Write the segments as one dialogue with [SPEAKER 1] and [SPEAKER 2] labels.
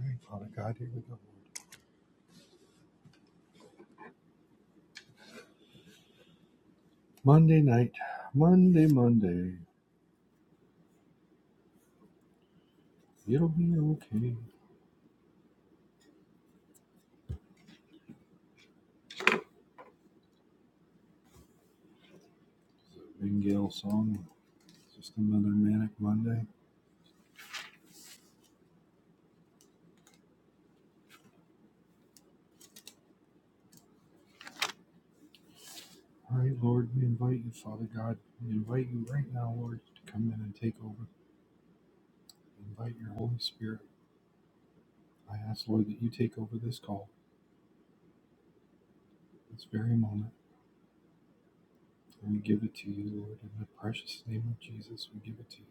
[SPEAKER 1] Right, Father God, here we go. Monday night, Monday, Monday, it'll be okay. Nightingale song, just another manic Monday. All right, Lord, we invite you, Father God, we invite you right now, Lord, to come in and take over. We invite your Holy Spirit. I ask, Lord, that you take over this call, this very moment, and we give it to you, Lord, in the precious name of Jesus. We give it to you.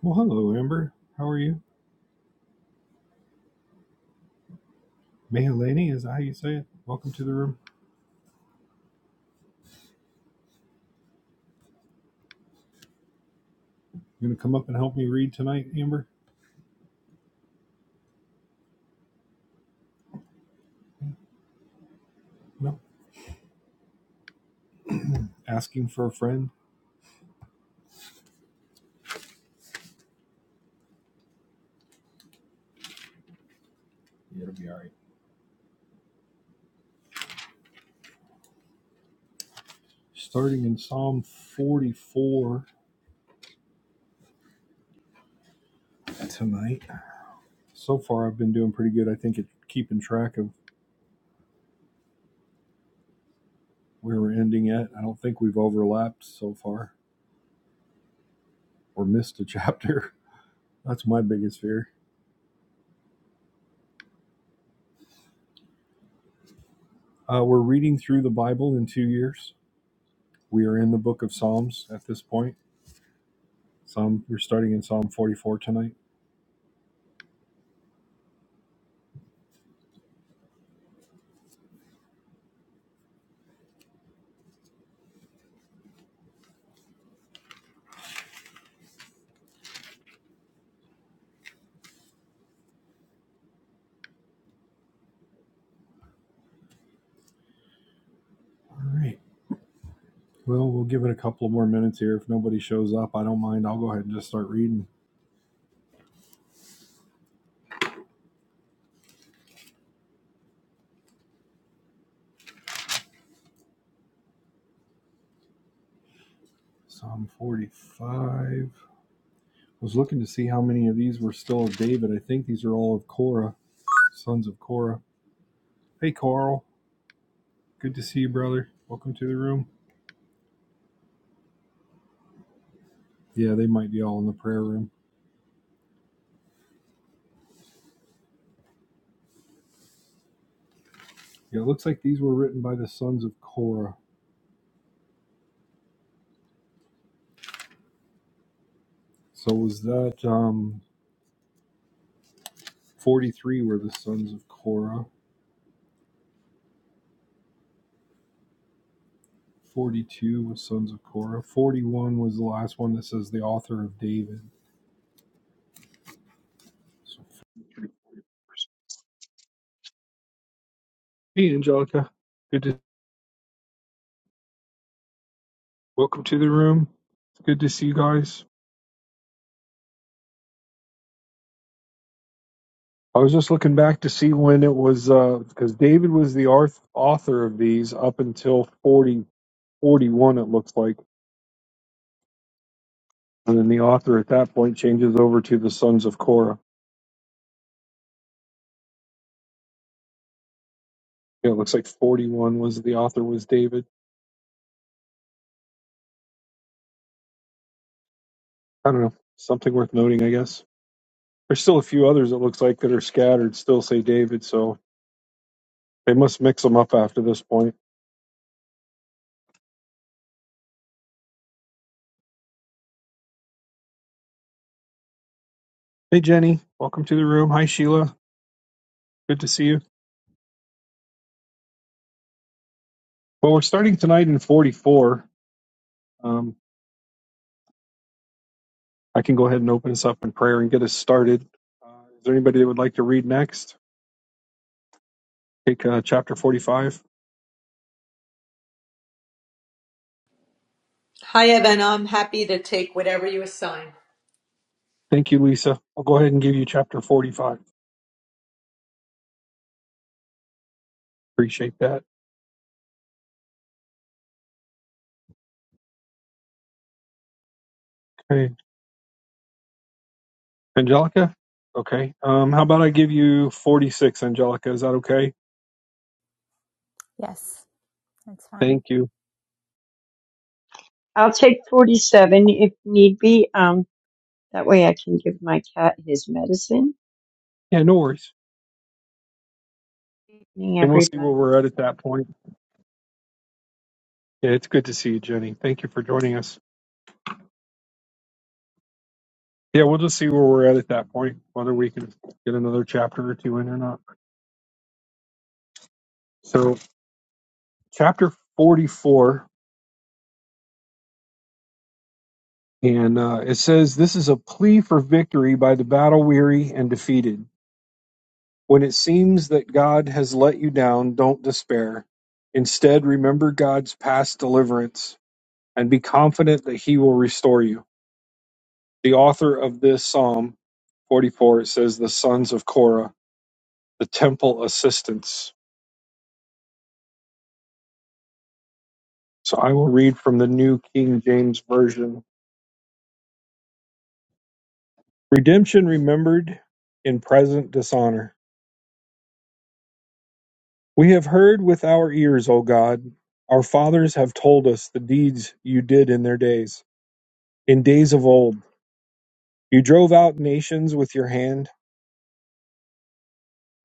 [SPEAKER 1] Well, hello, Amber. How are you? Mehalani, is that how you say it? Welcome to the room. You gonna come up and help me read tonight, Amber? No. asking for a friend. Yeah, it'll be all right. Starting in Psalm 44 tonight. So far, I've been doing pretty good. I think at keeping track of where we're ending at. I don't think we've overlapped so far or missed a chapter. That's my biggest fear. Uh, we're reading through the Bible in two years. We are in the book of Psalms at this point. Psalm, we're starting in Psalm 44 tonight. All right. Well, we'll give it a couple of more minutes here. If nobody shows up, I don't mind. I'll go ahead and just start reading Psalm 45. I was looking to see how many of these were still of David. I think these are all of Cora, sons of Cora. Hey, Carl. Good to see you, brother. Welcome to the room. Yeah, they might be all in the prayer room. Yeah, it looks like these were written by the sons of Cora. So was that um, 43 were the sons of Cora. 42 was sons of Cora. 41 was the last one that says the author of David. So, hey, Angelica. Good to welcome to the room. Good to see you guys. I was just looking back to see when it was, because David was the arth- author of these up until 40 41. it looks like. And then the author at that point changes over to the Sons of Korah. Yeah, it looks like 41 was the author was David. I don't know. Something worth noting, I guess. There's still a few others, it looks like, that are scattered, still say David, so they must mix them up after this point. Hey, Jenny. Welcome to the room. Hi, Sheila. Good to see you. Well, we're starting tonight in 44. Um, I can go ahead and open us up in prayer and get us started. Uh, is there anybody that would like to read next? Take uh, chapter 45.
[SPEAKER 2] Hi, Evan. I'm happy to take whatever you assign.
[SPEAKER 1] Thank you, Lisa. I'll go ahead and give you chapter 45. Appreciate that. Okay. Angelica? Okay. Um, how about I give you 46, Angelica? Is that okay?
[SPEAKER 3] Yes, that's fine.
[SPEAKER 1] Thank you.
[SPEAKER 4] I'll take 47 if need be. Um, that way I can give my cat his medicine.
[SPEAKER 1] Yeah, no worries.
[SPEAKER 4] Evening,
[SPEAKER 1] And we'll see where
[SPEAKER 4] everybody.
[SPEAKER 1] we're at at that point. Yeah, it's good to see you, Jenny. Thank you for joining us. Yeah, we'll just see where we're at at that point, whether we can get another chapter or two in or not. So, chapter 44 And uh, it says, This is a plea for victory by the battle weary and defeated. When it seems that God has let you down, don't despair. Instead, remember God's past deliverance and be confident that He will restore you. The author of this Psalm 44, it says, The sons of Korah, the temple assistants. So I will read from the New King James Version Redemption remembered in present dishonor We have heard with our ears, O God. Our fathers have told us the deeds you did in their days. In days of old, you drove out nations with your hand,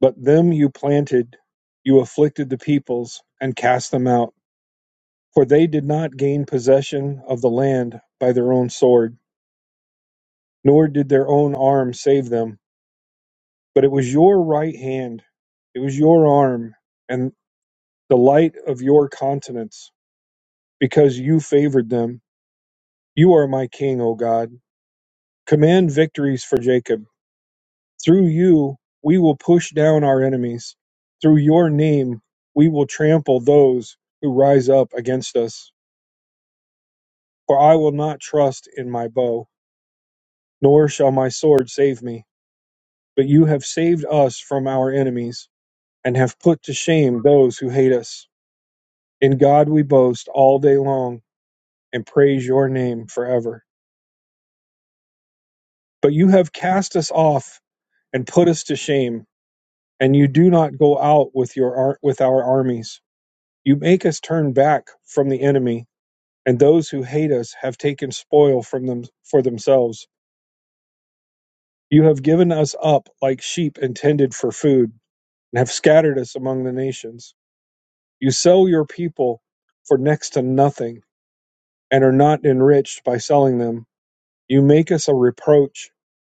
[SPEAKER 1] but them you planted. You afflicted the peoples and cast them out, for they did not gain possession of the land by their own sword, nor did their own arm save them. But it was your right hand, it was your arm, and the light of your countenance, because you favored them. You are my king, O God. Command victories for Jacob. Through you, we will push down our enemies. Through your name, we will trample those who rise up against us. For I will not trust in my bow, nor shall my sword save me. But you have saved us from our enemies, and have put to shame those who hate us. In God we boast all day long, and praise your name forever. But you have cast us off and put us to shame, and you do not go out with your ar- with our armies. You make us turn back from the enemy, and those who hate us have taken spoil from them for themselves. You have given us up like sheep intended for food, and have scattered us among the nations. You sell your people for next to nothing, and are not enriched by selling them. You make us a reproach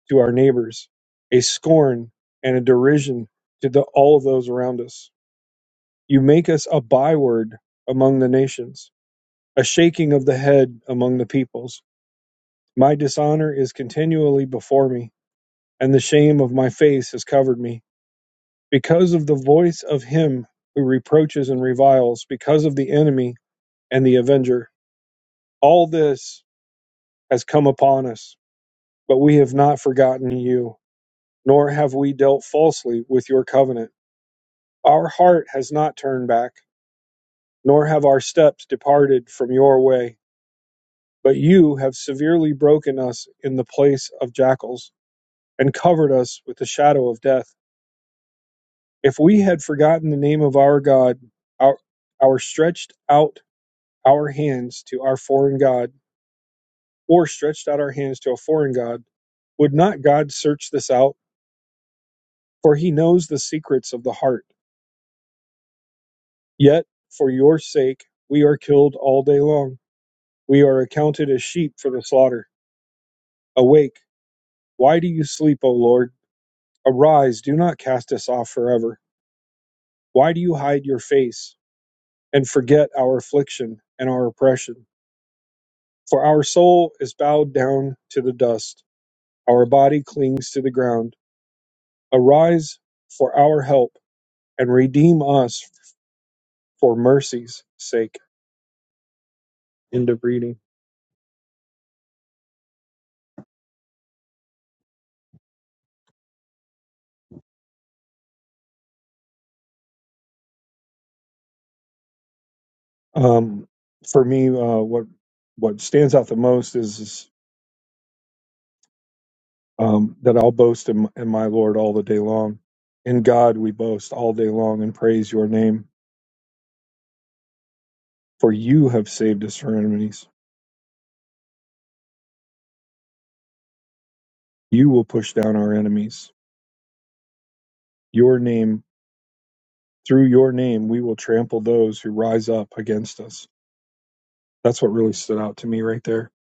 [SPEAKER 1] to our neighbors, a scorn and a derision to the, all of those around us. You make us a byword among the nations. A shaking of the head among the peoples. My dishonor is continually before me, and the shame of my face has covered me. Because of the voice of him who reproaches and reviles, because of the enemy and the avenger, all this has come upon us. But we have not forgotten you, nor have we dealt falsely with your covenant. Our heart has not turned back, nor have our steps departed from your way. But you have severely broken us in the place of jackals and covered us with the shadow of death. If we had forgotten the name of our God, our, our stretched out our hands to our foreign God, or stretched out our hands to a foreign God, would not God search this out? For he knows the secrets of the heart. Yet, for your sake, we are killed all day long. We are accounted as sheep for the slaughter. Awake! Why do you sleep, O Lord? Arise, do not cast us off forever. Why do you hide your face? and forget our affliction and our oppression. For our soul is bowed down to the dust, our body clings to the ground. Arise for our help and redeem us for mercy's sake. End of reading. Um, for me, uh, what what stands out the most is, is, um, that I'll boast in, in my Lord all the day long. In God we boast all day long and praise your name, for you have saved us from enemies. You will push down our enemies. Your name Through your name, we will trample those who rise up against us. That's what really stood out to me right there.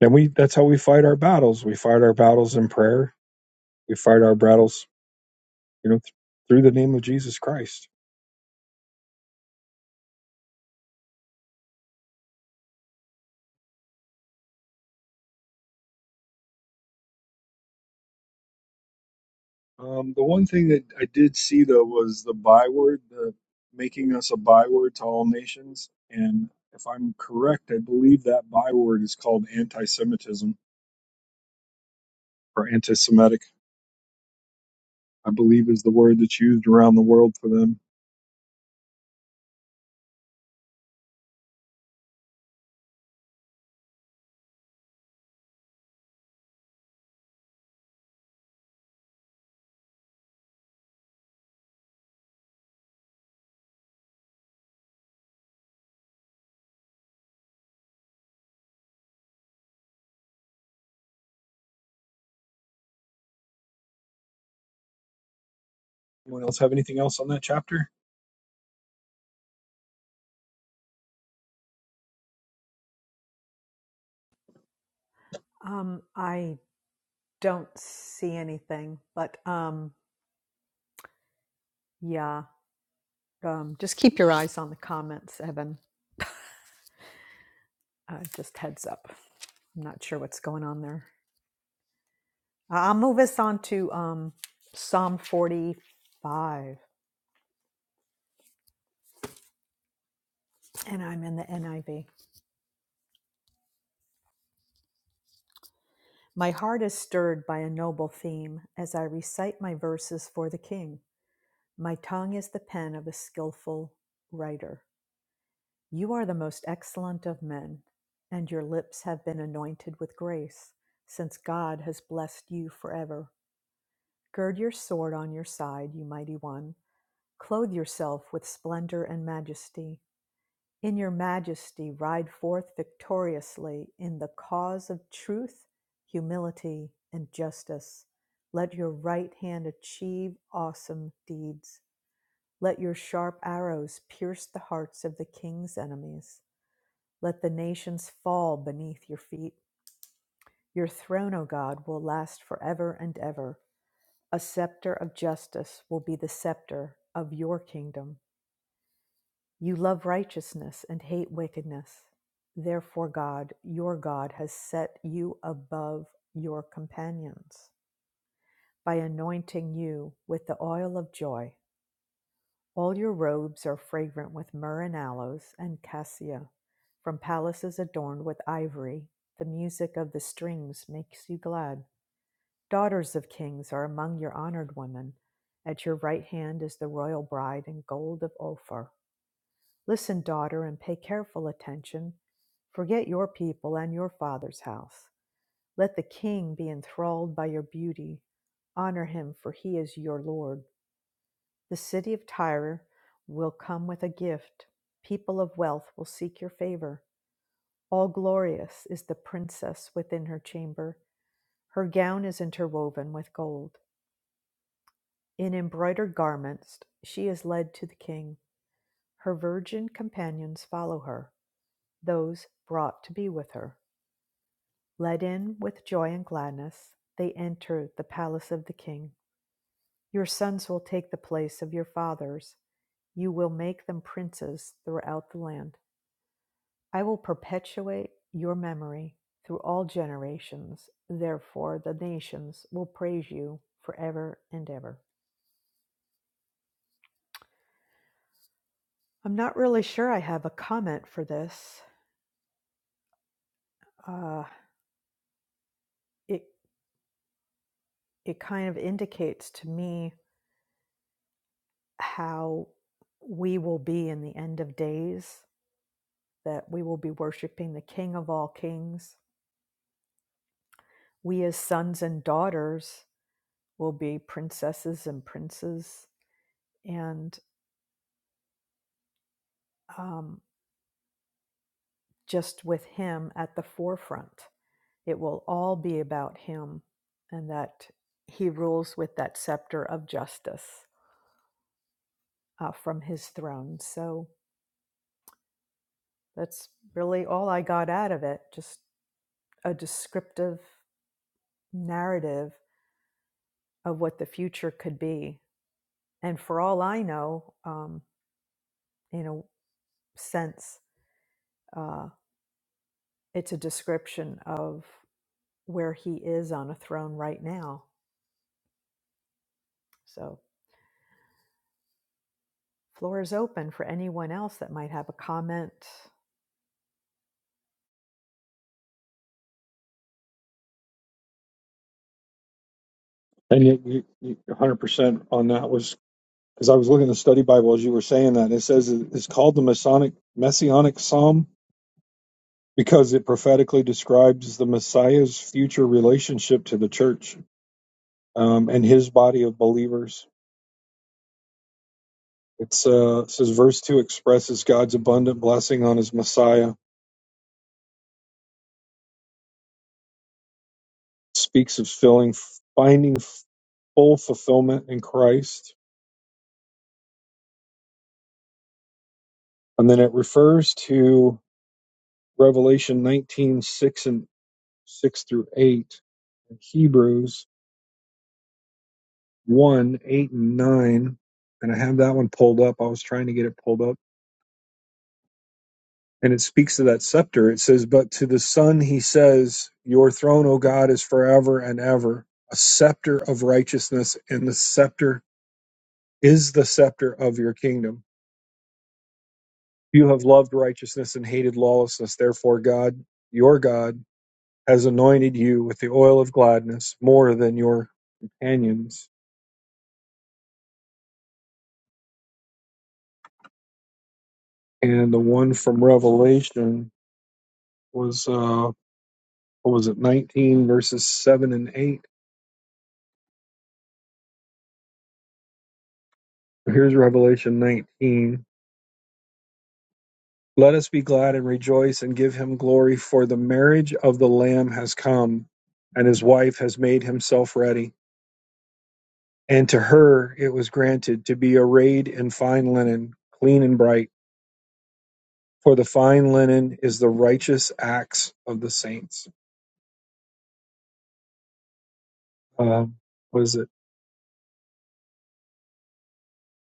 [SPEAKER 1] And we, that's how we fight our battles. We fight our battles in prayer. We fight our battles, you know, th- through the name of Jesus Christ. Um, the one thing that I did see though was the byword, the making us a byword to all nations. And if I'm correct, I believe that byword is called anti-Semitism or anti-Semitic. I believe is the word that's used around the world for them. Anyone else have anything else on that chapter? And you, you, you 100% on that was because I was looking at the study Bible as you were saying that. And it says it- it's called the Masonic Messianic Psalm because it prophetically describes the Messiah's future relationship to the church um, and his body of believers. It's uh, it says verse two expresses God's abundant blessing on his Messiah, speaks of filling, finding full fulfillment in Christ, and then it refers to Revelation 19:6 and 6 through 8, and Hebrews 1, 8, and 9. And I have that one pulled up. I was trying to get it pulled up. And it speaks to that scepter. It says, But to the Son he says, Your throne, O God, is forever and ever, a scepter of righteousness, and the scepter is the scepter of your kingdom. You have loved righteousness and hated lawlessness. Therefore, God, your God, has anointed you with the oil of gladness more than your companions and the one from Revelation was uh what was it 19 verses 7 and 8 here's Revelation 19 let us be glad and rejoice and give him glory for the marriage of the lamb has come and his wife has made himself ready and to her it was granted to be arrayed in fine linen clean and bright for the fine linen is the righteous acts of the saints Uh, Was it?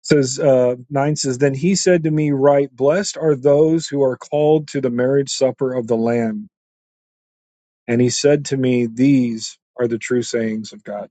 [SPEAKER 1] says uh, nine says then he said to me right blessed are those who are called to the marriage supper of the lamb and he said to me these are the true sayings of god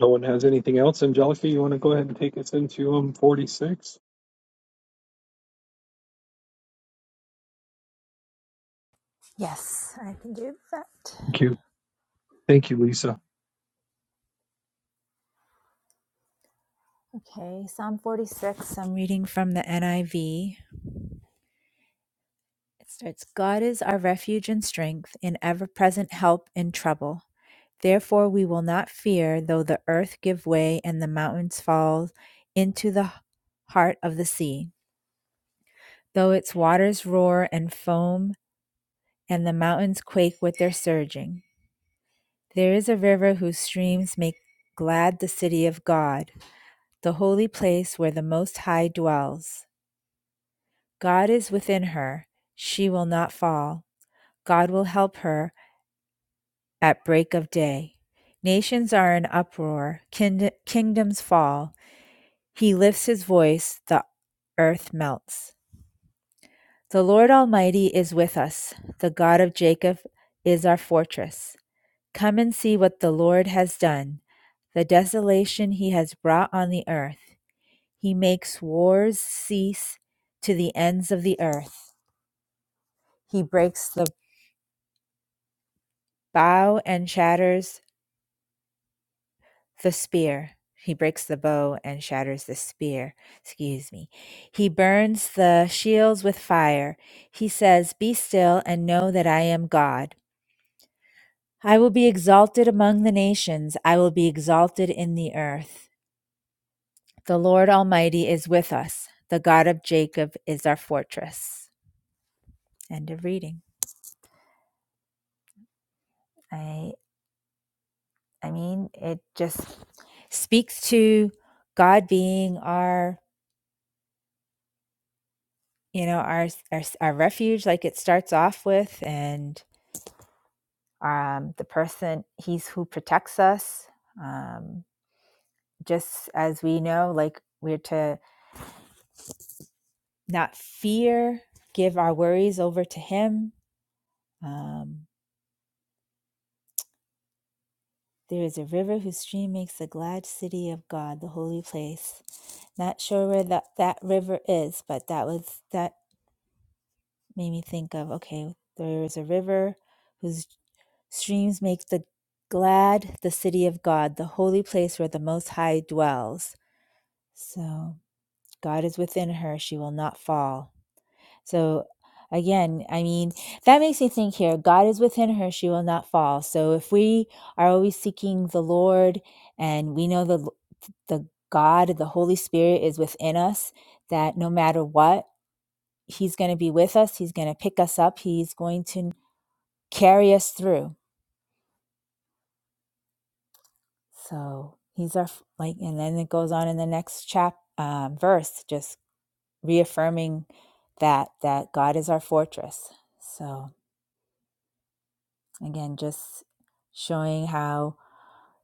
[SPEAKER 1] no one has anything else angelica you want to go ahead and take us into um 46
[SPEAKER 3] Yes, I can do that.
[SPEAKER 1] thank you thank you lisa
[SPEAKER 3] Okay, Psalm 46. I'm reading from the NIV. It starts God is our refuge and strength, an ever present help in trouble. Therefore, we will not fear, though the earth give way and the mountains fall into the heart of the sea, though its waters roar and foam, and the mountains quake with their surging. There is a river whose streams make glad the city of God the holy place where the Most High dwells. God is within her, she will not fall. God will help her at break of day. Nations are in uproar, kind- kingdoms fall. He lifts his voice, the earth melts. The Lord Almighty is with us, the God of Jacob is our fortress. Come and see what the Lord has done, the desolation he has brought on the earth. He makes wars cease to the ends of the earth. He breaks the bow and shatters the spear. He breaks the bow and shatters the spear. Excuse me. He burns the shields with fire. He says, Be still and know that I am God. I will be exalted among the nations. I will be exalted in the earth. The Lord Almighty is with us. The God of Jacob is our fortress. End of reading. I. I mean, it just speaks to God being our, you know, our our, our refuge, like it starts off with, and um, the person He's who protects us. Um, just as we know, like we're to not fear, give our worries over to Him. Um, there is a river whose stream makes the glad city of God, the holy place. Not sure where that, that river is, but that was that made me think of okay, there is a river whose streams make the glad the city of God, the holy place where the Most High dwells. So God is within her, she will not fall. So again, I mean, that makes me think here God is within her, she will not fall. So if we are always seeking the Lord and we know the the God, the Holy Spirit is within us, that no matter what, He's going to be with us. He's going to pick us up. He's going to carry us through. So he's our like, and then it goes on in the next chap uh, verse, just reaffirming that that God is our fortress. So again, just showing how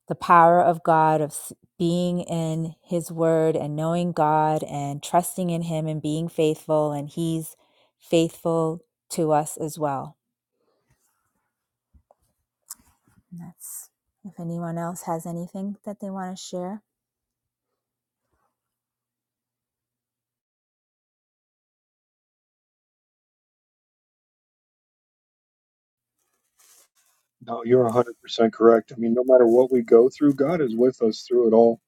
[SPEAKER 3] the power of God of being in His Word and knowing God and trusting in Him and being faithful, and He's faithful to us as well. And that's if anyone else has anything that they want to share.
[SPEAKER 1] no you're 100% correct i mean no matter what we go through god is with us through it all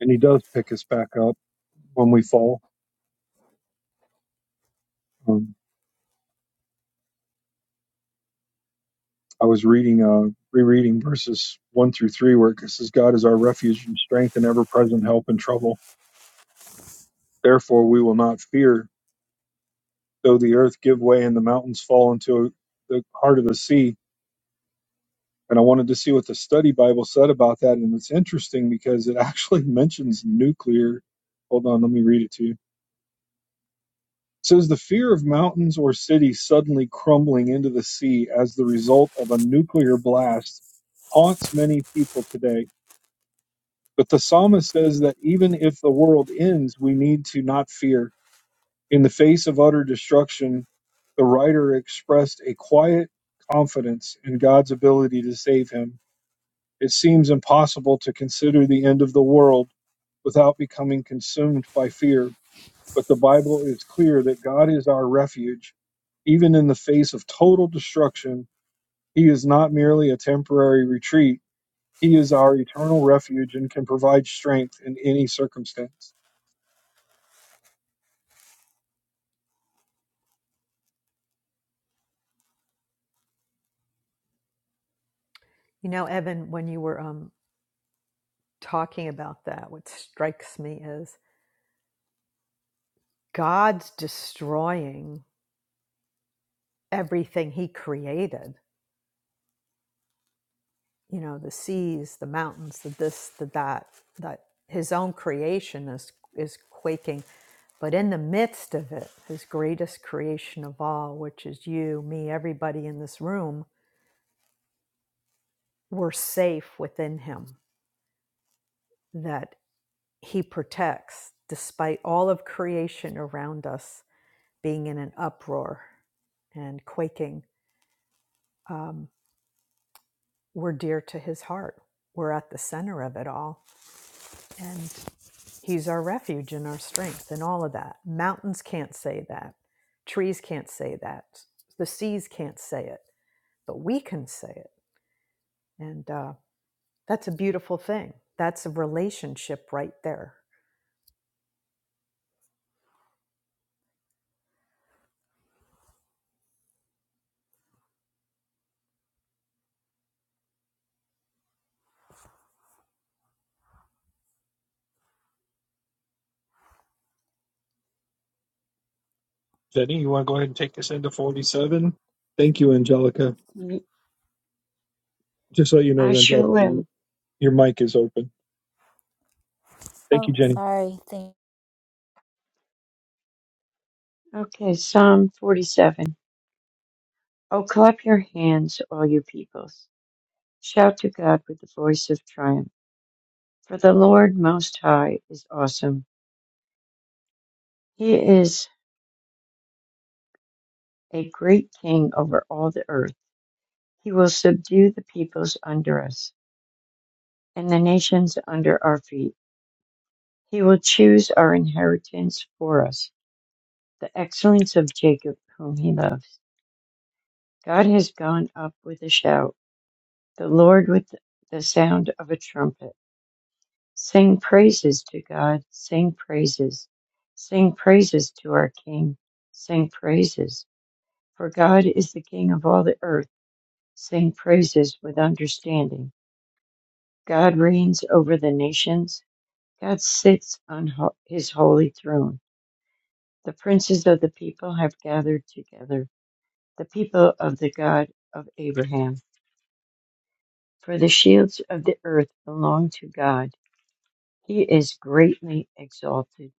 [SPEAKER 1] and he does pick us back up when we fall um, i was reading uh rereading verses 1 through 3 where it says god is our refuge and strength and ever-present help in trouble Therefore we will not fear, though the earth give way and the mountains fall into the heart of the sea. And I wanted to see what the study Bible said about that. And it's interesting because it actually mentions nuclear. Hold on, let me read it to you. It says the fear of mountains or cities suddenly crumbling into the sea as the result of a nuclear blast haunts many people today. But the psalmist says that even if the world ends, we need to not fear In the face of utter destruction, the writer expressed a quiet confidence in God's ability to save him. It seems impossible to consider the end of the world without becoming consumed by fear, but the Bible is clear that God is our refuge. Even in the face of total destruction, He is not merely a temporary retreat, He is our eternal refuge and can provide strength in any circumstance. Jenny, you want to go ahead and take us into 47? Thank you, Angelica.
[SPEAKER 4] Mm,
[SPEAKER 1] Just so you
[SPEAKER 4] I
[SPEAKER 1] know,
[SPEAKER 4] sure
[SPEAKER 1] Angelica,
[SPEAKER 4] will.
[SPEAKER 1] your mic is open. Thank
[SPEAKER 3] Oh,
[SPEAKER 1] you, Jenny.
[SPEAKER 3] sorry. Thank.
[SPEAKER 4] Okay, Psalm 47. Oh, clap your hands, all you peoples. Shout to God with the voice of triumph. For the Lord Most High is awesome. He is a great king over all the earth. He will subdue the peoples under us and the nations under our feet. He will choose our inheritance for us the excellence of Jacob, whom he loves. God has gone up with a shout, the Lord with the sound of a trumpet. Sing praises to God, sing praises. Sing praises to our King, sing praises. For God is the King of all the earth, sing praises with understanding. God reigns over the nations, God sits on ho- his holy throne. The princes of the people have gathered together, the people of the God of Abraham. For the shields of the earth belong to God. He is greatly exalted.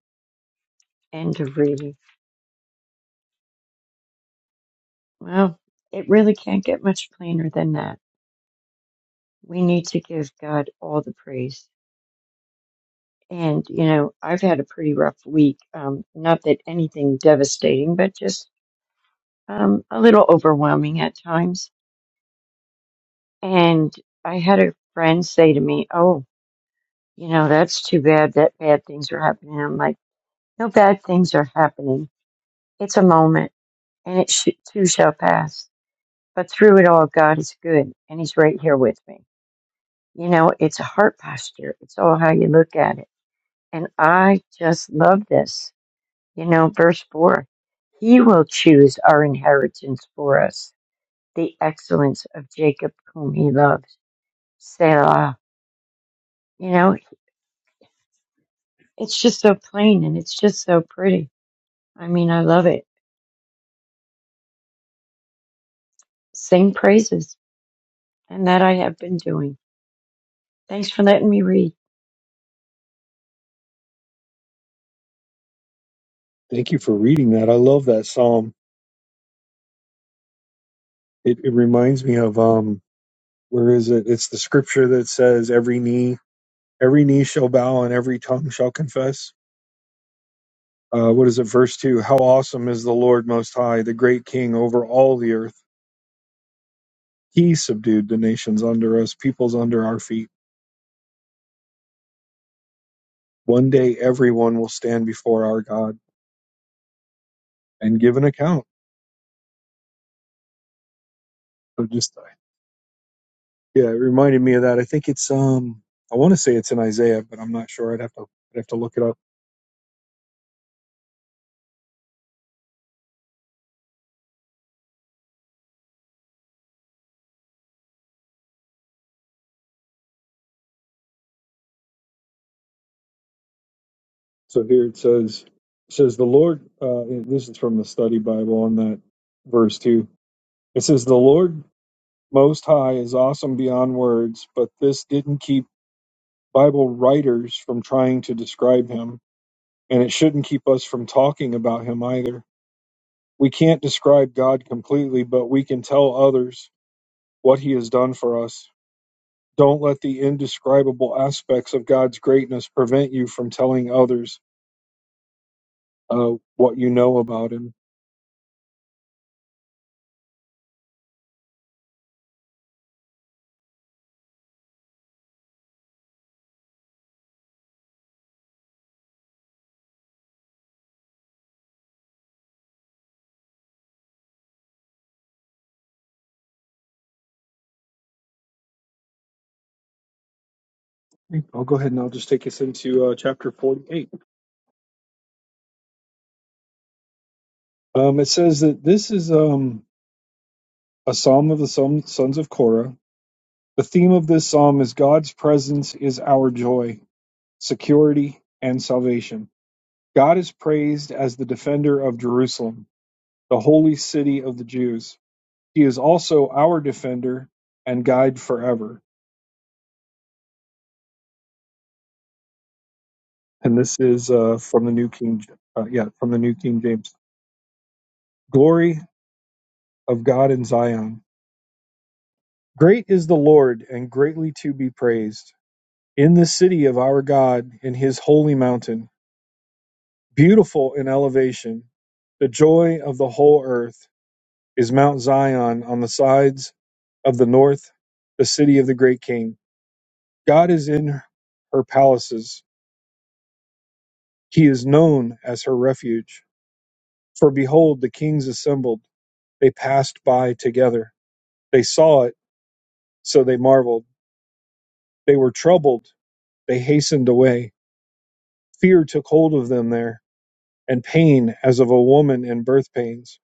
[SPEAKER 4] End of reading. Well, it really can't get much plainer than that. We need to give God all the praise. And, you know, I've had a pretty rough week. Um, not that anything devastating, but just um, a little overwhelming at times. And I had a friend say to me, Oh, you know, that's too bad that bad things are happening. I'm like, No bad things are happening. It's a moment and it sh- too shall pass. But through it all, God is good, and He's right here with me. You know, it's a heart posture. It's all how you look at it. And I just love this. You know, verse four, He will choose our inheritance for us, the excellence of Jacob whom He loves. Selah. You know, it's just so plain and it's just so pretty. I mean, I love it. Sing praises, and that I have been doing. Thanks for letting me read.
[SPEAKER 1] Thank you for reading that. I love that psalm. It, it reminds me of um, where is it? It's the scripture that says, "Every knee, every knee shall bow, and every tongue shall confess." Uh, what is it? Verse two. How awesome is the Lord Most High, the great King over all the earth. He subdued the nations under us, peoples under our feet. One day, everyone will stand before our God and give an account. So, just Yeah, it reminded me of that. I think it's um I want to say it's in Isaiah, but I'm not sure. I'd have to I'd have to look it up. So here it says it says the Lord uh this is from the study Bible on that verse 2. It says the Lord most high is awesome beyond words, but this didn't keep Bible writers from trying to describe him, and it shouldn't keep us from talking about him either. We can't describe God completely, but we can tell others what he has done for us Don't let the indescribable aspects of God's greatness prevent you from telling others uh, what you know about Him. I'll go ahead and I'll just take us into uh, chapter 48. Um, it says that this is um, a psalm of the son- sons of Korah. The theme of this psalm is God's presence is our joy, security, and salvation. God is praised as the defender of Jerusalem, the holy city of the Jews. He is also our defender and guide forever. and this is uh, from the New King, Ja, uh, yeah, from the New King James. Glory of God in Zion. Great is the Lord, and greatly to be praised in the city of our God, in His holy mountain. Beautiful in elevation, the joy of the whole earth is Mount Zion on the sides of the north, the city of the great King. God is in her palaces; He is known as her refuge. For behold, the kings assembled; they passed by together They saw it, so they marveled. They were troubled. They hastened away. Fear took hold of them there, and pain as of a woman in birth pains.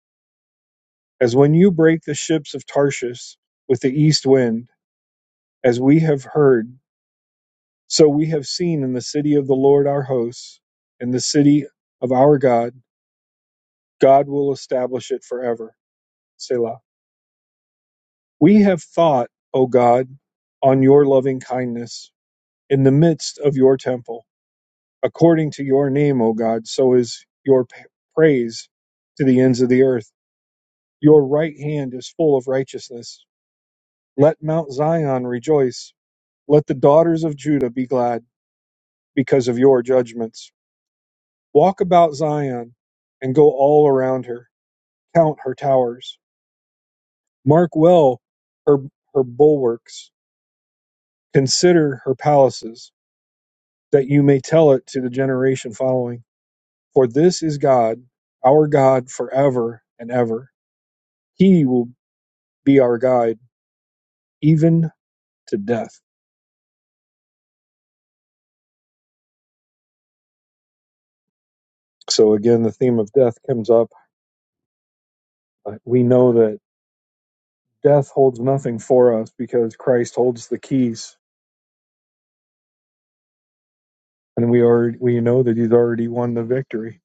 [SPEAKER 1] As when you break the ships of Tarshish with the east wind, as we have heard, so we have seen in the city of the Lord our hosts, in the city of our God, God will establish it forever. Selah. We have thought, O God, on your loving kindness in the midst of your temple. According to your name, O God, so is your praise to the ends of the earth. Your right hand is full of righteousness. Let Mount Zion rejoice. Let the daughters of Judah be glad because of your judgments. Walk about Zion and go all around her. Count her towers. Mark well her, her bulwarks. Consider her palaces, that you may tell it to the generation following. For this is God, our God forever and ever. He will be our guide even to death. So again, the theme of death comes up. Uh, We know that death holds nothing for us because Christ holds the keys, and we are we know that He's already won the victory.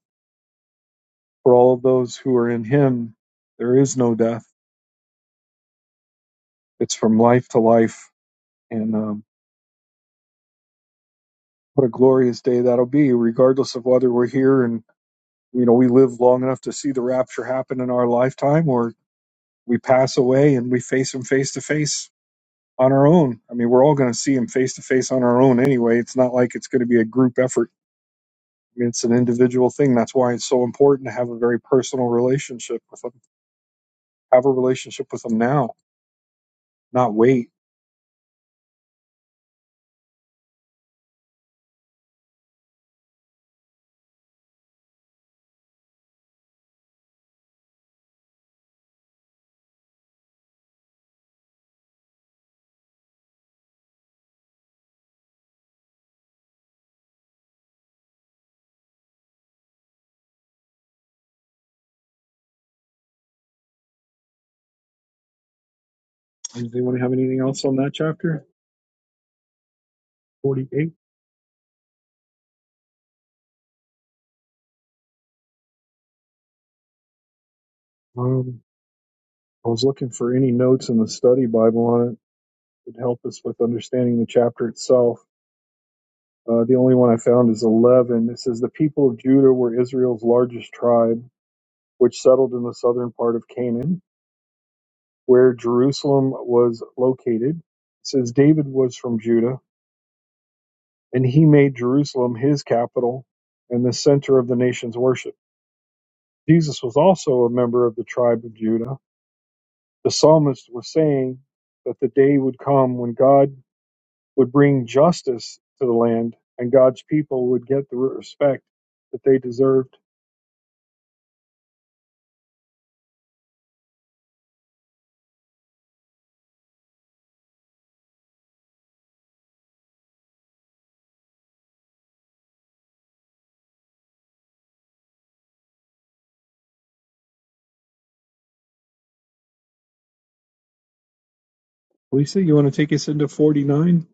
[SPEAKER 1] For all of those who are in Him, there is no death. It's from life to life, and um, what a glorious day that'll be, regardless of whether we're here and you know we live long enough to see the rapture happen in our lifetime, or we pass away and we face Him face to face on our own. I mean, we're all going to see him face to face on our own anyway. It's not like it's going to be a group effort. I mean, it's an individual thing. That's why it's so important to have a very personal relationship with him. Have a relationship with him now, not wait. Does anyone have anything else on that chapter? 48. Um, I was looking for any notes in the study Bible on it that would help us with understanding the chapter itself. Uh, the only one I found is 11. It says, The people of Judah were Israel's largest tribe, which settled in the southern part of Canaan. where Jerusalem was located. It says David was from Judah, and he made Jerusalem his capital and the center of the nation's worship. Jesus was also a member of the tribe of Judah. The psalmist was saying that the day would come when God would bring justice to the land and God's people would get the respect that they deserved. Lisa, you want to take us into 49?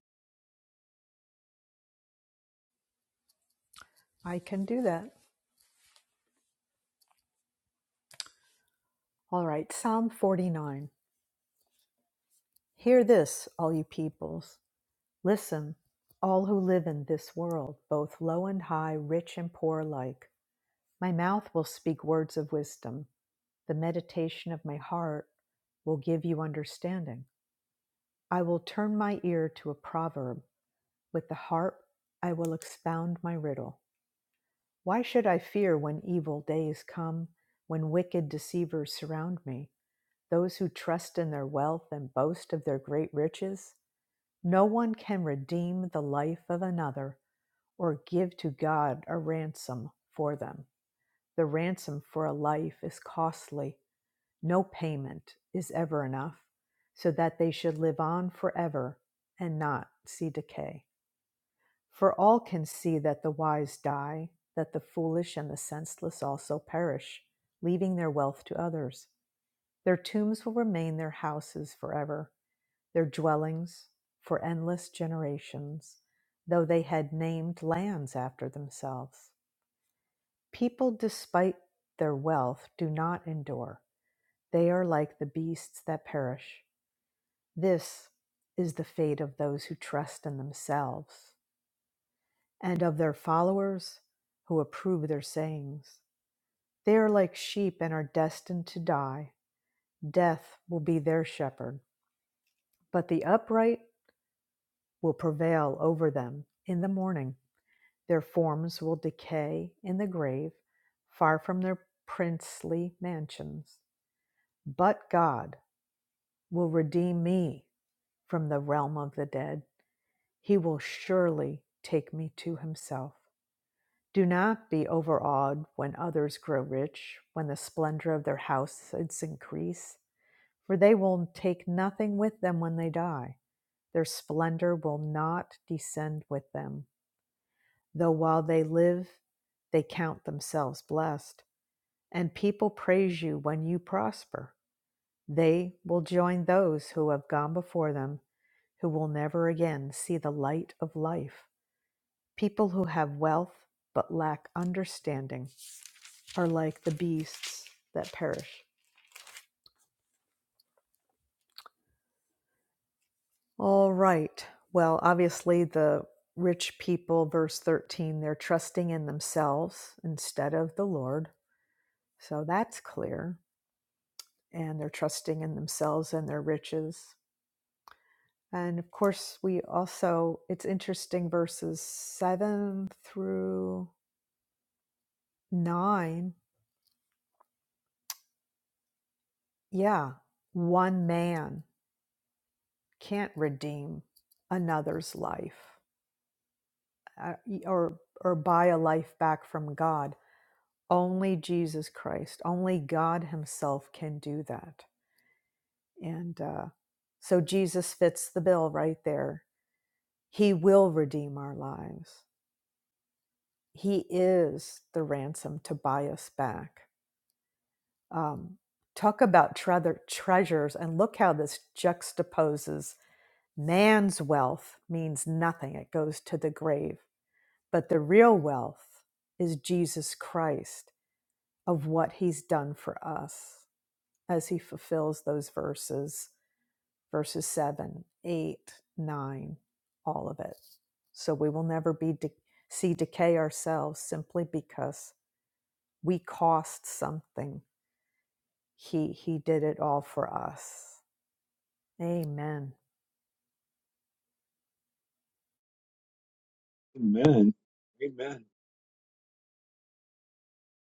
[SPEAKER 1] Amen. Amen.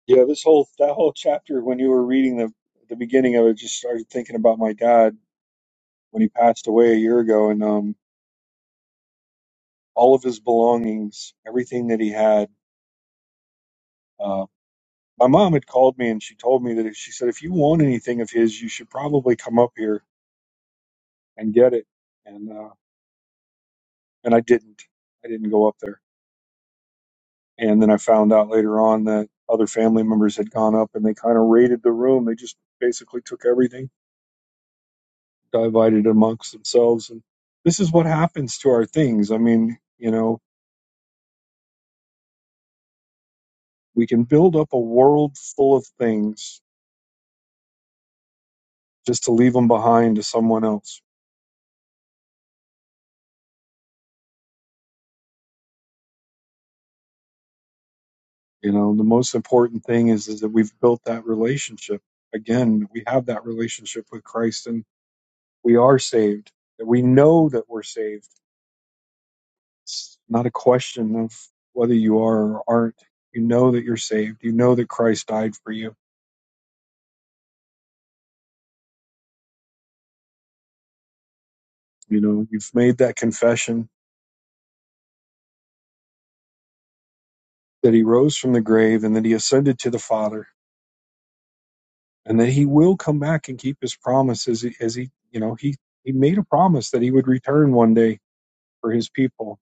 [SPEAKER 1] Yeah, this whole that whole chapter when you were reading the the beginning of it just started thinking about my dad when he passed away a year ago and um all of his belongings, everything that he had. Uh my mom had called me and she told me that if, she said if you want anything of his, you should probably come up here and get it. And uh and I didn't. I didn't go up there. And then I found out later on that other family members had gone up and they kind of raided the room. They just basically took everything divided amongst themselves. And this is what happens to our things. I mean, you know, we can build up a world full of things just to leave them behind to someone else. You know, the most important thing is, is that we've built that relationship. Again, we have that relationship with Christ and we are saved, that we know that we're saved. It's not a question of whether you are or aren't. You know that you're saved. You know that Christ died for you. You know, you've made that confession that he rose from the grave and that he ascended to the father and that he will come back and keep his promise as he, as he you know he he made a promise that he would return one day for his people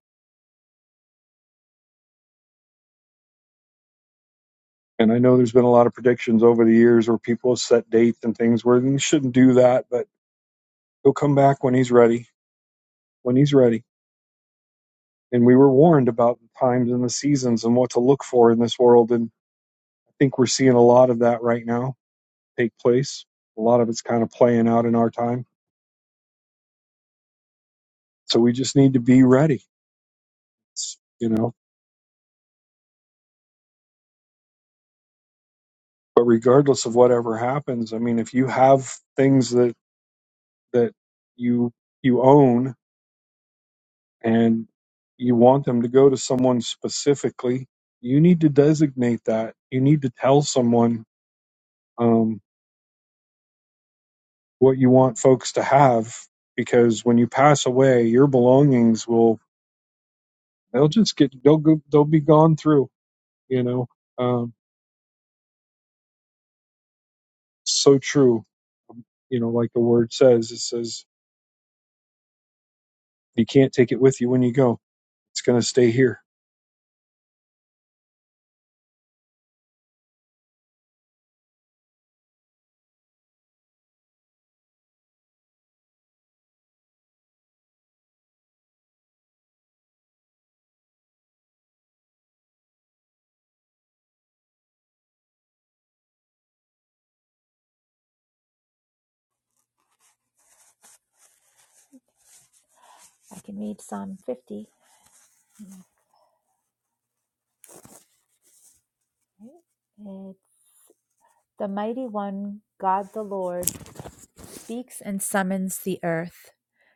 [SPEAKER 1] and i know there's been a lot of predictions over the years where people have set dates and things where you shouldn't do that but he'll come back when he's ready when he's ready and we were warned about the times and the seasons and what to look for in this world and i think we're seeing a lot of that right now take place a lot of it's kind of playing out in our time so we just need to be ready It's, You know. but regardless of whatever happens i mean if you have things that that you you own and you want them to go to someone specifically you need to designate that you need to tell someone um, what you want folks to have because when you pass away your belongings will they'll just get they'll go, they'll be gone through you know um, so true you know like the word says it says you can't take it with you when you go it's going to stay here
[SPEAKER 3] I can read Psalm 50. It's, the mighty one, God the Lord, speaks and summons the earth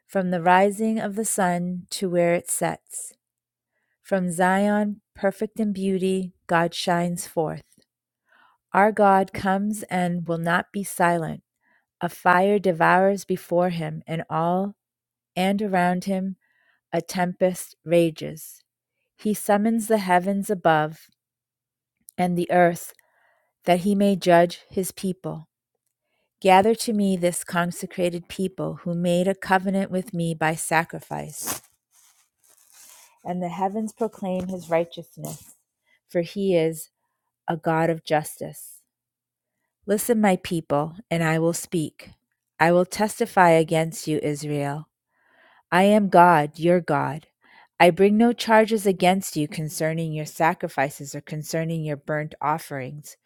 [SPEAKER 3] from the rising of the sun to where it sets. From Zion, perfect in beauty, God shines forth. Our God comes and will not be silent. A fire devours before him and all, and around him a tempest rages. He summons the heavens above and the earth that he may judge his people. Gather to me this consecrated people who made a covenant with me by sacrifice, and the heavens proclaim his righteousness, for he is a God of justice. Listen, my people, and I will speak. I will testify against you, Israel. I am God, your God. I bring no charges against you concerning your sacrifices or concerning your burnt offerings,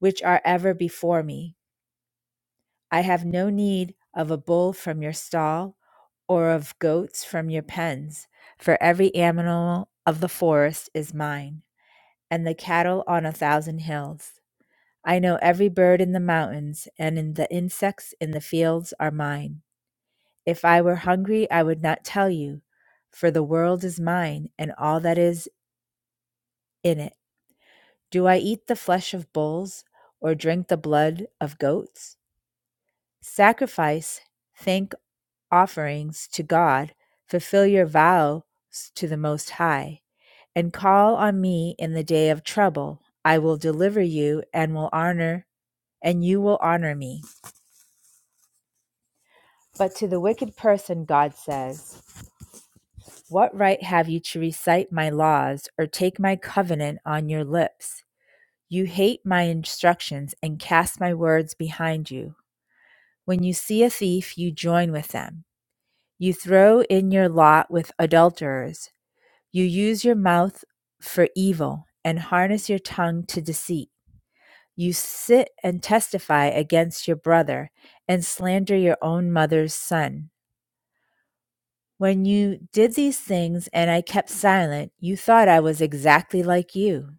[SPEAKER 3] which are ever before me. I have no need of a bull from your stall or of goats from your pens, for every animal of the forest is mine, and the cattle on a thousand hills. I know every bird in the mountains, and in the insects in the fields are mine. If I were hungry, I would not tell you, for the world is mine, and all that is in it. Do I eat the flesh of bulls, or drink the blood of goats? Sacrifice, thank offerings to God, fulfill your vows to the Most High, and call on me in the day of trouble. I will deliver you and will honor, and you will honor me. But to the wicked person, God says, What right have you to recite my laws or take my covenant on your lips? You hate my instructions and cast my words behind you. When you see a thief, you join with them. You throw in your lot with adulterers You use your mouth for evil and harness your tongue to deceit. You sit and testify against your brother and slander your own mother's son. When you did these things and I kept silent, you thought I was exactly like you.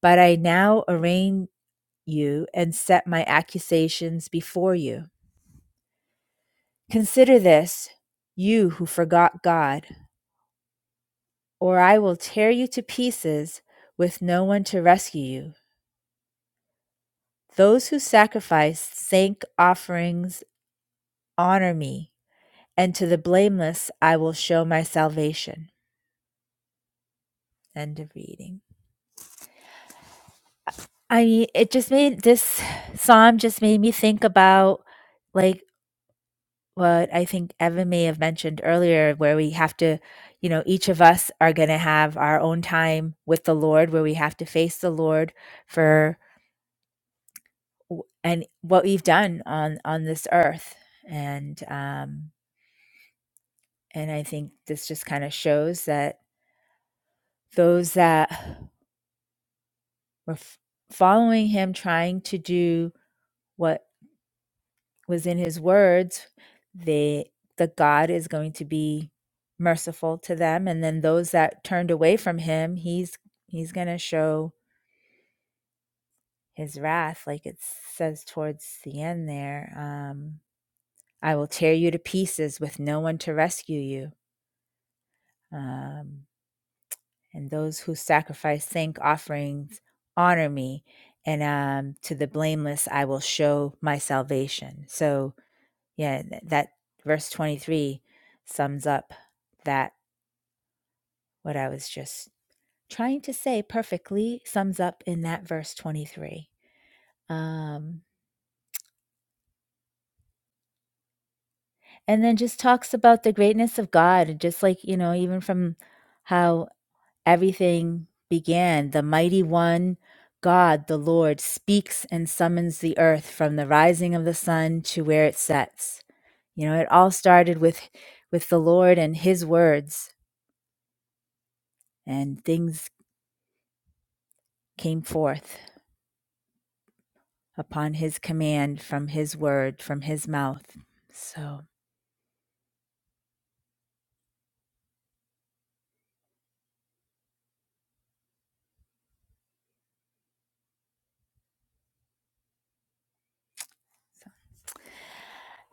[SPEAKER 3] But I now arraign you and set my accusations before you. Consider this, you who forgot God, or I will tear you to pieces with no one to rescue you. Those who sacrifice thank offerings honor me, and to the blameless I will show my salvation. End of reading. I mean, it just made this psalm just made me think about like what I think Evan may have mentioned earlier, where we have to, you know, each of us are going to have our own time with the Lord, where we have to face the Lord for w- and what we've done on on this earth, and um, And I think this just kind of shows that those that were f- following him, trying to do what was in his words, they the God is going to be merciful to them. And then those that turned away from him, he's he's going to show his wrath, like it says towards the end there. Um, I will tear you to pieces with no one to rescue you. Um, and those who sacrifice thank offerings honor me and um, to the blameless i will show my salvation so yeah th- that verse 23 sums up that what i was just trying to say perfectly sums up in that verse 23 um, and then just talks about the greatness of god and just like you know even from how everything began. The mighty one, God, the Lord, speaks and summons the earth from the rising of the sun to where it sets. You know, it all started with with the Lord and his words, and things came forth upon his command from his word, from his mouth. So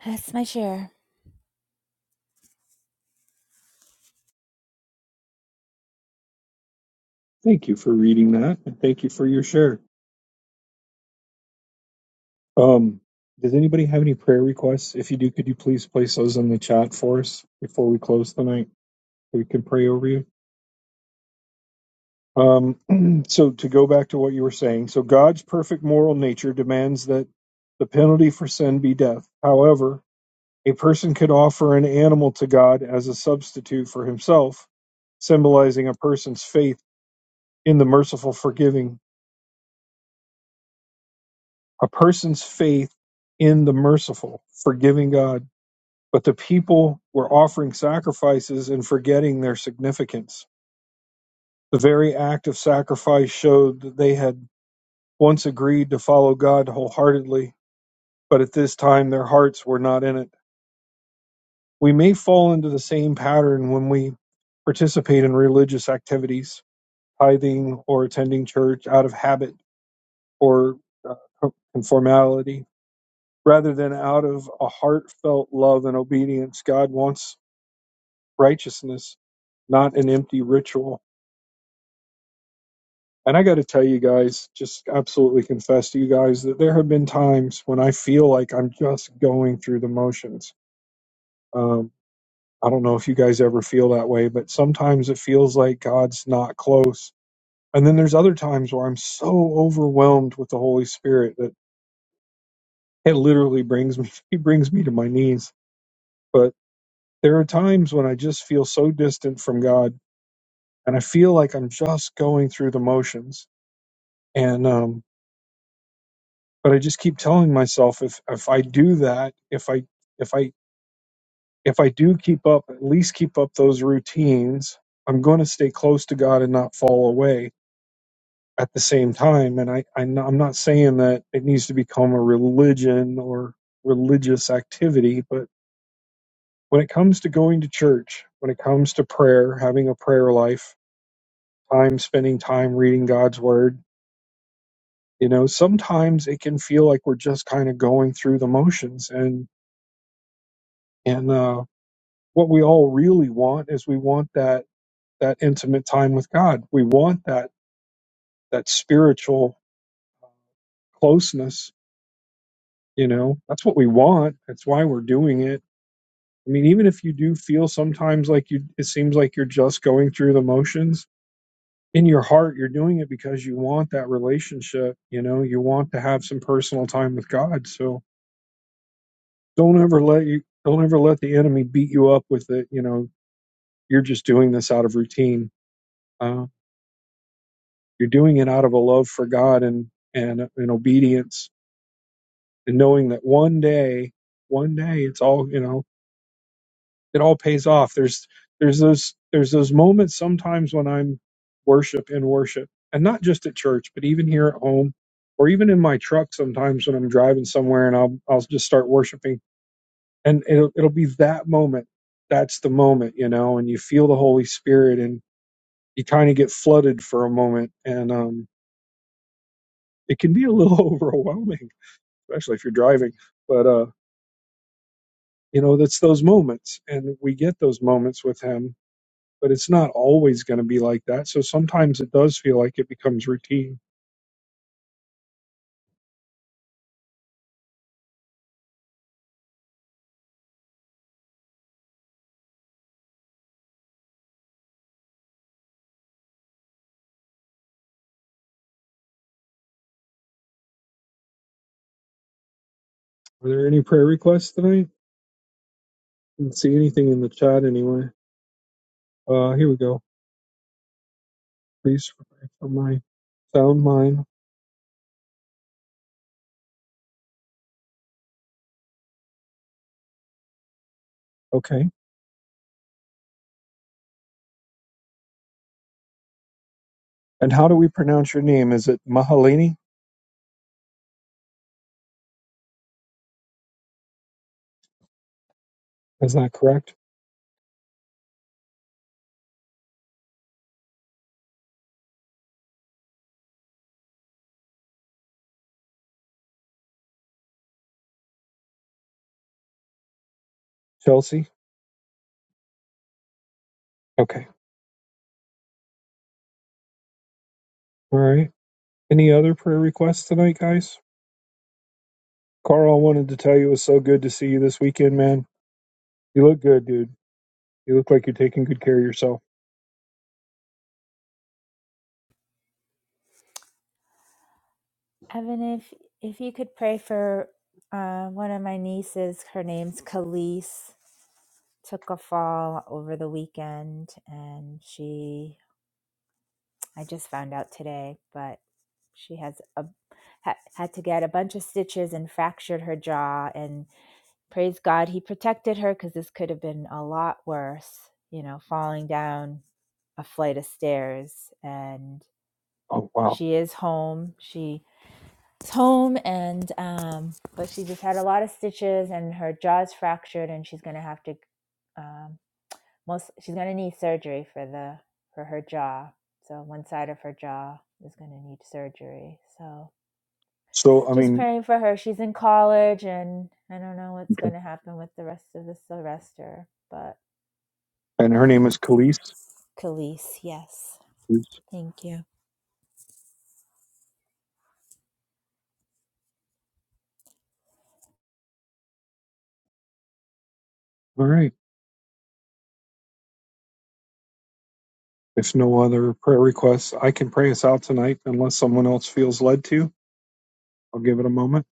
[SPEAKER 3] that's my share.
[SPEAKER 1] Thank you for reading that, and thank you for your share. Um, does anybody have any prayer requests? If you do, could you please place those in the chat for us before we close tonight? so We can pray over you. Um, so to go back to what you were saying, so God's perfect moral nature demands that the penalty for sin be death. However, a person could offer an animal to God as a substitute for himself, symbolizing a person's faith in the merciful, forgiving a person's faith in the merciful, forgiving God. But the people were offering sacrifices and forgetting their significance. The very act of sacrifice showed that they had once agreed to follow God wholeheartedly, but at this time their hearts were not in it. We may fall into the same pattern when we participate in religious activities, tithing or attending church out of habit or uh, conformality rather than out of a heartfelt love and obedience. God wants righteousness, not an empty ritual. And I got to tell you guys, just absolutely confess to you guys that there have been times when I feel like I'm just going through the motions. Um, I don't know if you guys ever feel that way, but sometimes it feels like God's not close. And then there's other times where I'm so overwhelmed with the Holy Spirit that it literally brings me, he brings me to my knees. But There are times when I just feel so distant from God and I feel like I'm just going through the motions. And um but I just keep telling myself if if I do that, if I if I if I do keep up, at least keep up those routines, I'm going to stay close to God and not fall away at the same time. And I, I I'm not saying that it needs to become a religion or religious activity, but when it comes to going to church, when it comes to prayer, having a prayer life, time spending time reading God's word. You know, sometimes it can feel like we're just kind of going through the motions and and uh what we all really want is we want that that intimate time with God. We want that that spiritual closeness, you know. That's what we want. That's why we're doing it. I mean, even if you do feel sometimes like you it seems like you're just going through the motions, in your heart you're doing it because you want that relationship, you know, you want to have some personal time with God. So don't ever let you don't ever let the enemy beat you up with it you know you're just doing this out of routine uh, you're doing it out of a love for god and and uh, and obedience and knowing that one day one day it's all you know it all pays off there's there's those there's those moments sometimes when i'm worship in worship and not just at church but even here at home or even in my truck sometimes when i'm driving somewhere and i'll i'll just start worshiping and it'll it'll be that moment that's the moment you know and you feel the holy spirit and you kind of get flooded for a moment and um it can be a little overwhelming especially if you're driving but uh you know that's those moments and we get those moments with him but it's not always going to be like that so sometimes it does feel like it becomes routine are there any prayer requests tonight I didn't see anything in the chat anyway uh here we go please pray for my sound mind okay And how do we pronounce your name? Is it Mahalini? Is that correct? Chelsea? Okay. All right. Any other prayer requests tonight, guys? Carl, I wanted to tell you it was so good to see you this weekend, man. You look good, dude. You look like you're taking good care of yourself.
[SPEAKER 3] Evan, if if you could pray for uh, one of my nieces, her name's Khalees. took a fall over the weekend and she i just found out today but she has a ha, had to get a bunch of stitches and fractured her jaw and praise god he protected her because this could have been a lot worse you know falling down a flight of stairs and she is home she is home and um but she just had a lot of stitches and her jaw's fractured and she's gonna have to um, most she's going to need surgery for the for her jaw so one side of her jaw is going to need surgery so
[SPEAKER 1] So, I
[SPEAKER 3] just
[SPEAKER 1] mean,
[SPEAKER 3] praying for her she's in college and i don't know what's
[SPEAKER 1] Okay.
[SPEAKER 3] going to happen with the rest of the semester but
[SPEAKER 1] and her name is Khalees.
[SPEAKER 3] Khalees, yes
[SPEAKER 1] Yes.
[SPEAKER 3] thank you
[SPEAKER 1] All right. If no other prayer requests, I can pray us out tonight unless someone else feels led to. I'll give it a moment.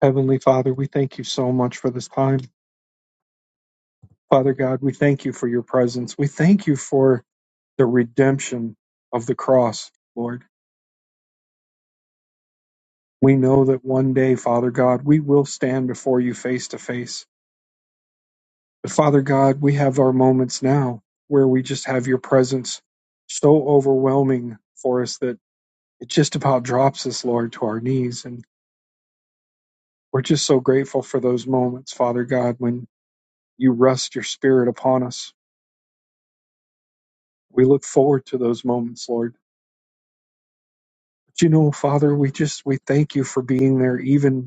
[SPEAKER 1] Heavenly Father, we thank you so much for this time. Father God, we thank you for your presence. We thank you for the redemption of the cross, Lord. We know that one day, Father God, we will stand before you face to face. But Father God, we have our moments now where we just have your presence so overwhelming for us that it just about drops us, Lord, to our knees. And we're just so grateful for those moments, Father God, when you rest your spirit upon us. We look forward to those moments, Lord. But you know, Father, we just we thank you for being there even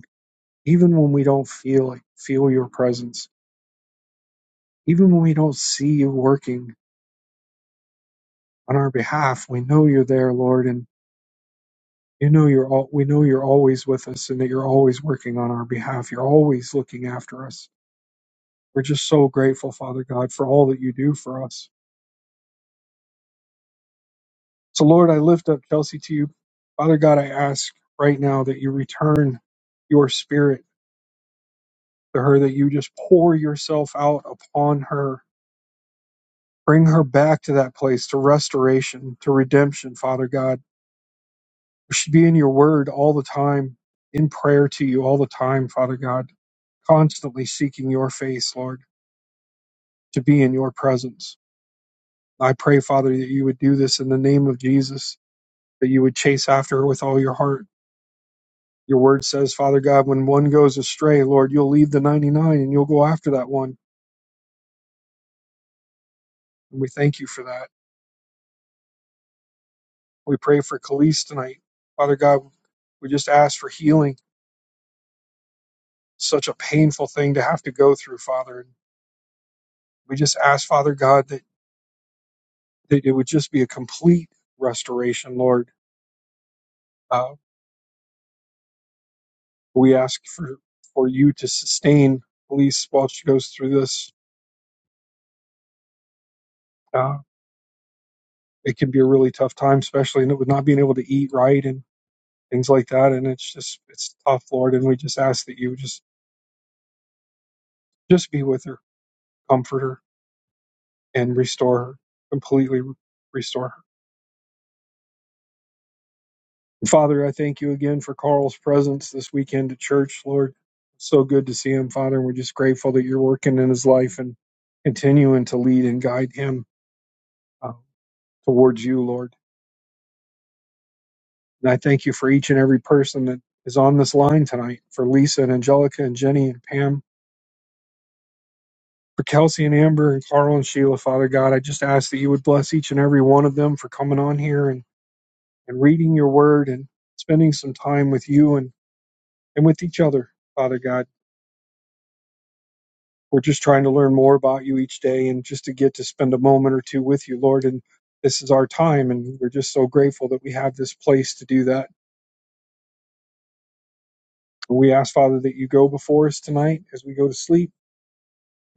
[SPEAKER 1] even when we don't feel like feel your presence even when we don't see you working on our behalf we know you're there lord and you know you're all we know you're always with us and that you're always working on our behalf you're always looking after us we're just so grateful father god for all that you do for us so lord i lift up chelsea to you father god i ask right now that you return your spirit to her that you just pour yourself out upon her Bring her back to that place, to restoration, to redemption, Father God. We should be in your word all the time, in prayer to you all the time, Father God, constantly seeking your face, Lord, to be in your presence. I pray, Father, that you would do this in the name of Jesus, that you would chase after her with all your heart. Your word says, Father God, when one goes astray, Lord, you'll leave the 99 and you'll go after that one. And we thank you for that. We pray for Khalees tonight. Father God, we just ask for healing such a painful thing to have to go through, Father. And we just ask, Father God, that, that it would just be a complete restoration, Lord. Uh, we ask for, for you to sustain Elise while she goes through this. Uh, it can be a really tough time, especially and it with not being able to eat right and things like that. And it's just, it's tough, Lord. And we just ask that you would just, just be with her, comfort her, and restore her, completely restore her. Father, I thank you again for Carl's presence this weekend at church, Lord. So good to see him, Father. And we're just grateful that you're working in his life and continuing to lead and guide him uh, towards you, Lord. And I thank you for each and every person that is on this line tonight for Lisa and Angelica and Jenny and Pam, for Kelsey and Amber and Carl and Sheila, Father God. I just ask that you would bless each and every one of them for coming on here and, and reading your word and spending some time with you and, and with each other, Father God. We're just trying to learn more about you each day and just to get to spend a moment or two with you, Lord. And this is our time, and we're just so grateful that we have this place to do that. And we ask, Father, that you go before us tonight as we go to sleep.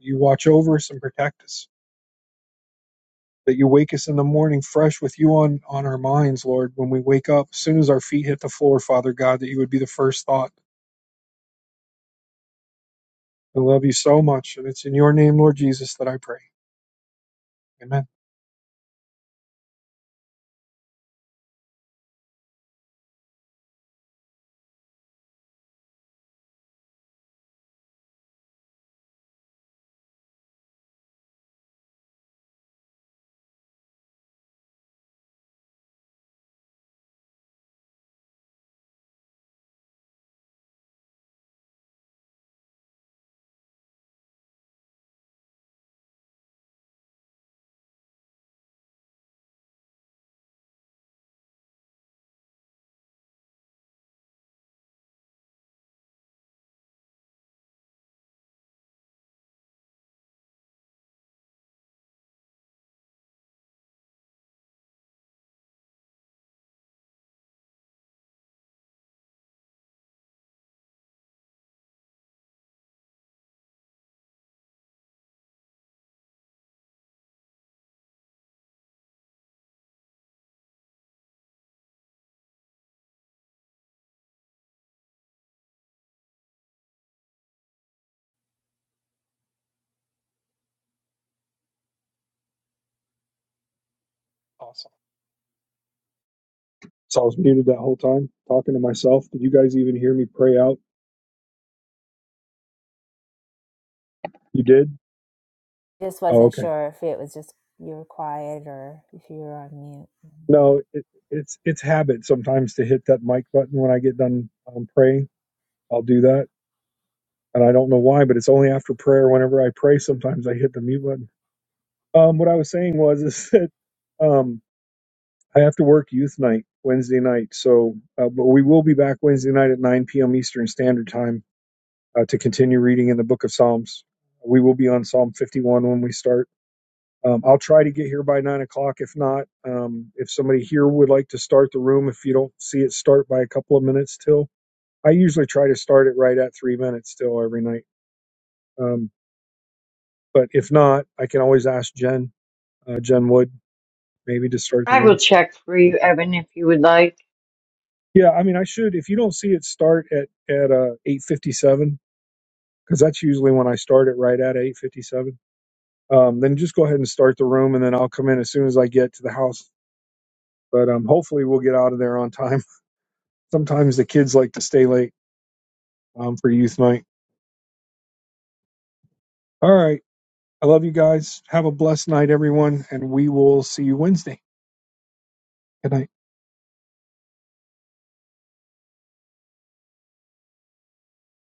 [SPEAKER 1] You watch over us and protect us. That you wake us in the morning fresh with you on, on our minds, Lord, when we wake up, as soon as our feet hit the floor, Father God, that you would be the first thought. I love you so much. And it's in your name, Lord Jesus, that I pray. Amen. Awesome. So I was muted that whole time talking to myself. Did you guys even hear me pray out? You did?
[SPEAKER 3] just
[SPEAKER 1] Oh,
[SPEAKER 3] wasn't
[SPEAKER 1] okay.
[SPEAKER 3] sure if it was just you were quiet or if you were on mute
[SPEAKER 1] No, it, it's it's habit sometimes to hit that mic button when I get done um, praying. I'll do that, and I don't know why, but it's only after prayer. Whenever I pray, sometimes I hit the mute button. Um, what I was saying was is that um, I have to work youth night Wednesday night, so uh, but we will be back Wednesday night at 9 p.m. Eastern Standard Time uh, to continue reading in the Book of Psalms. We will be on Psalm 51 when we start. Um, I'll try to get here by nine o'clock. If not, um, if somebody here would like to start the room, if you don't see it start by a couple of minutes till, I usually try to start it right at three minutes till every night. Um, but if not, I can always ask Jen, uh, Jen Wood, maybe to start the
[SPEAKER 4] I will
[SPEAKER 1] room.
[SPEAKER 4] check for you, Evan, if you would like.
[SPEAKER 1] Yeah, I mean, I should. If you don't see it start at at uh, eight fifty seven, because that's usually when I start it right at eight fifty seven. Um, then just go ahead and start the room, and then I'll come in as soon as I get to the house. But um, hopefully, we'll get out of there on time. Sometimes the kids like to stay late um, for youth night. All right. I love you guys. Have a blessed night, everyone. And we will see you Wednesday. Good night.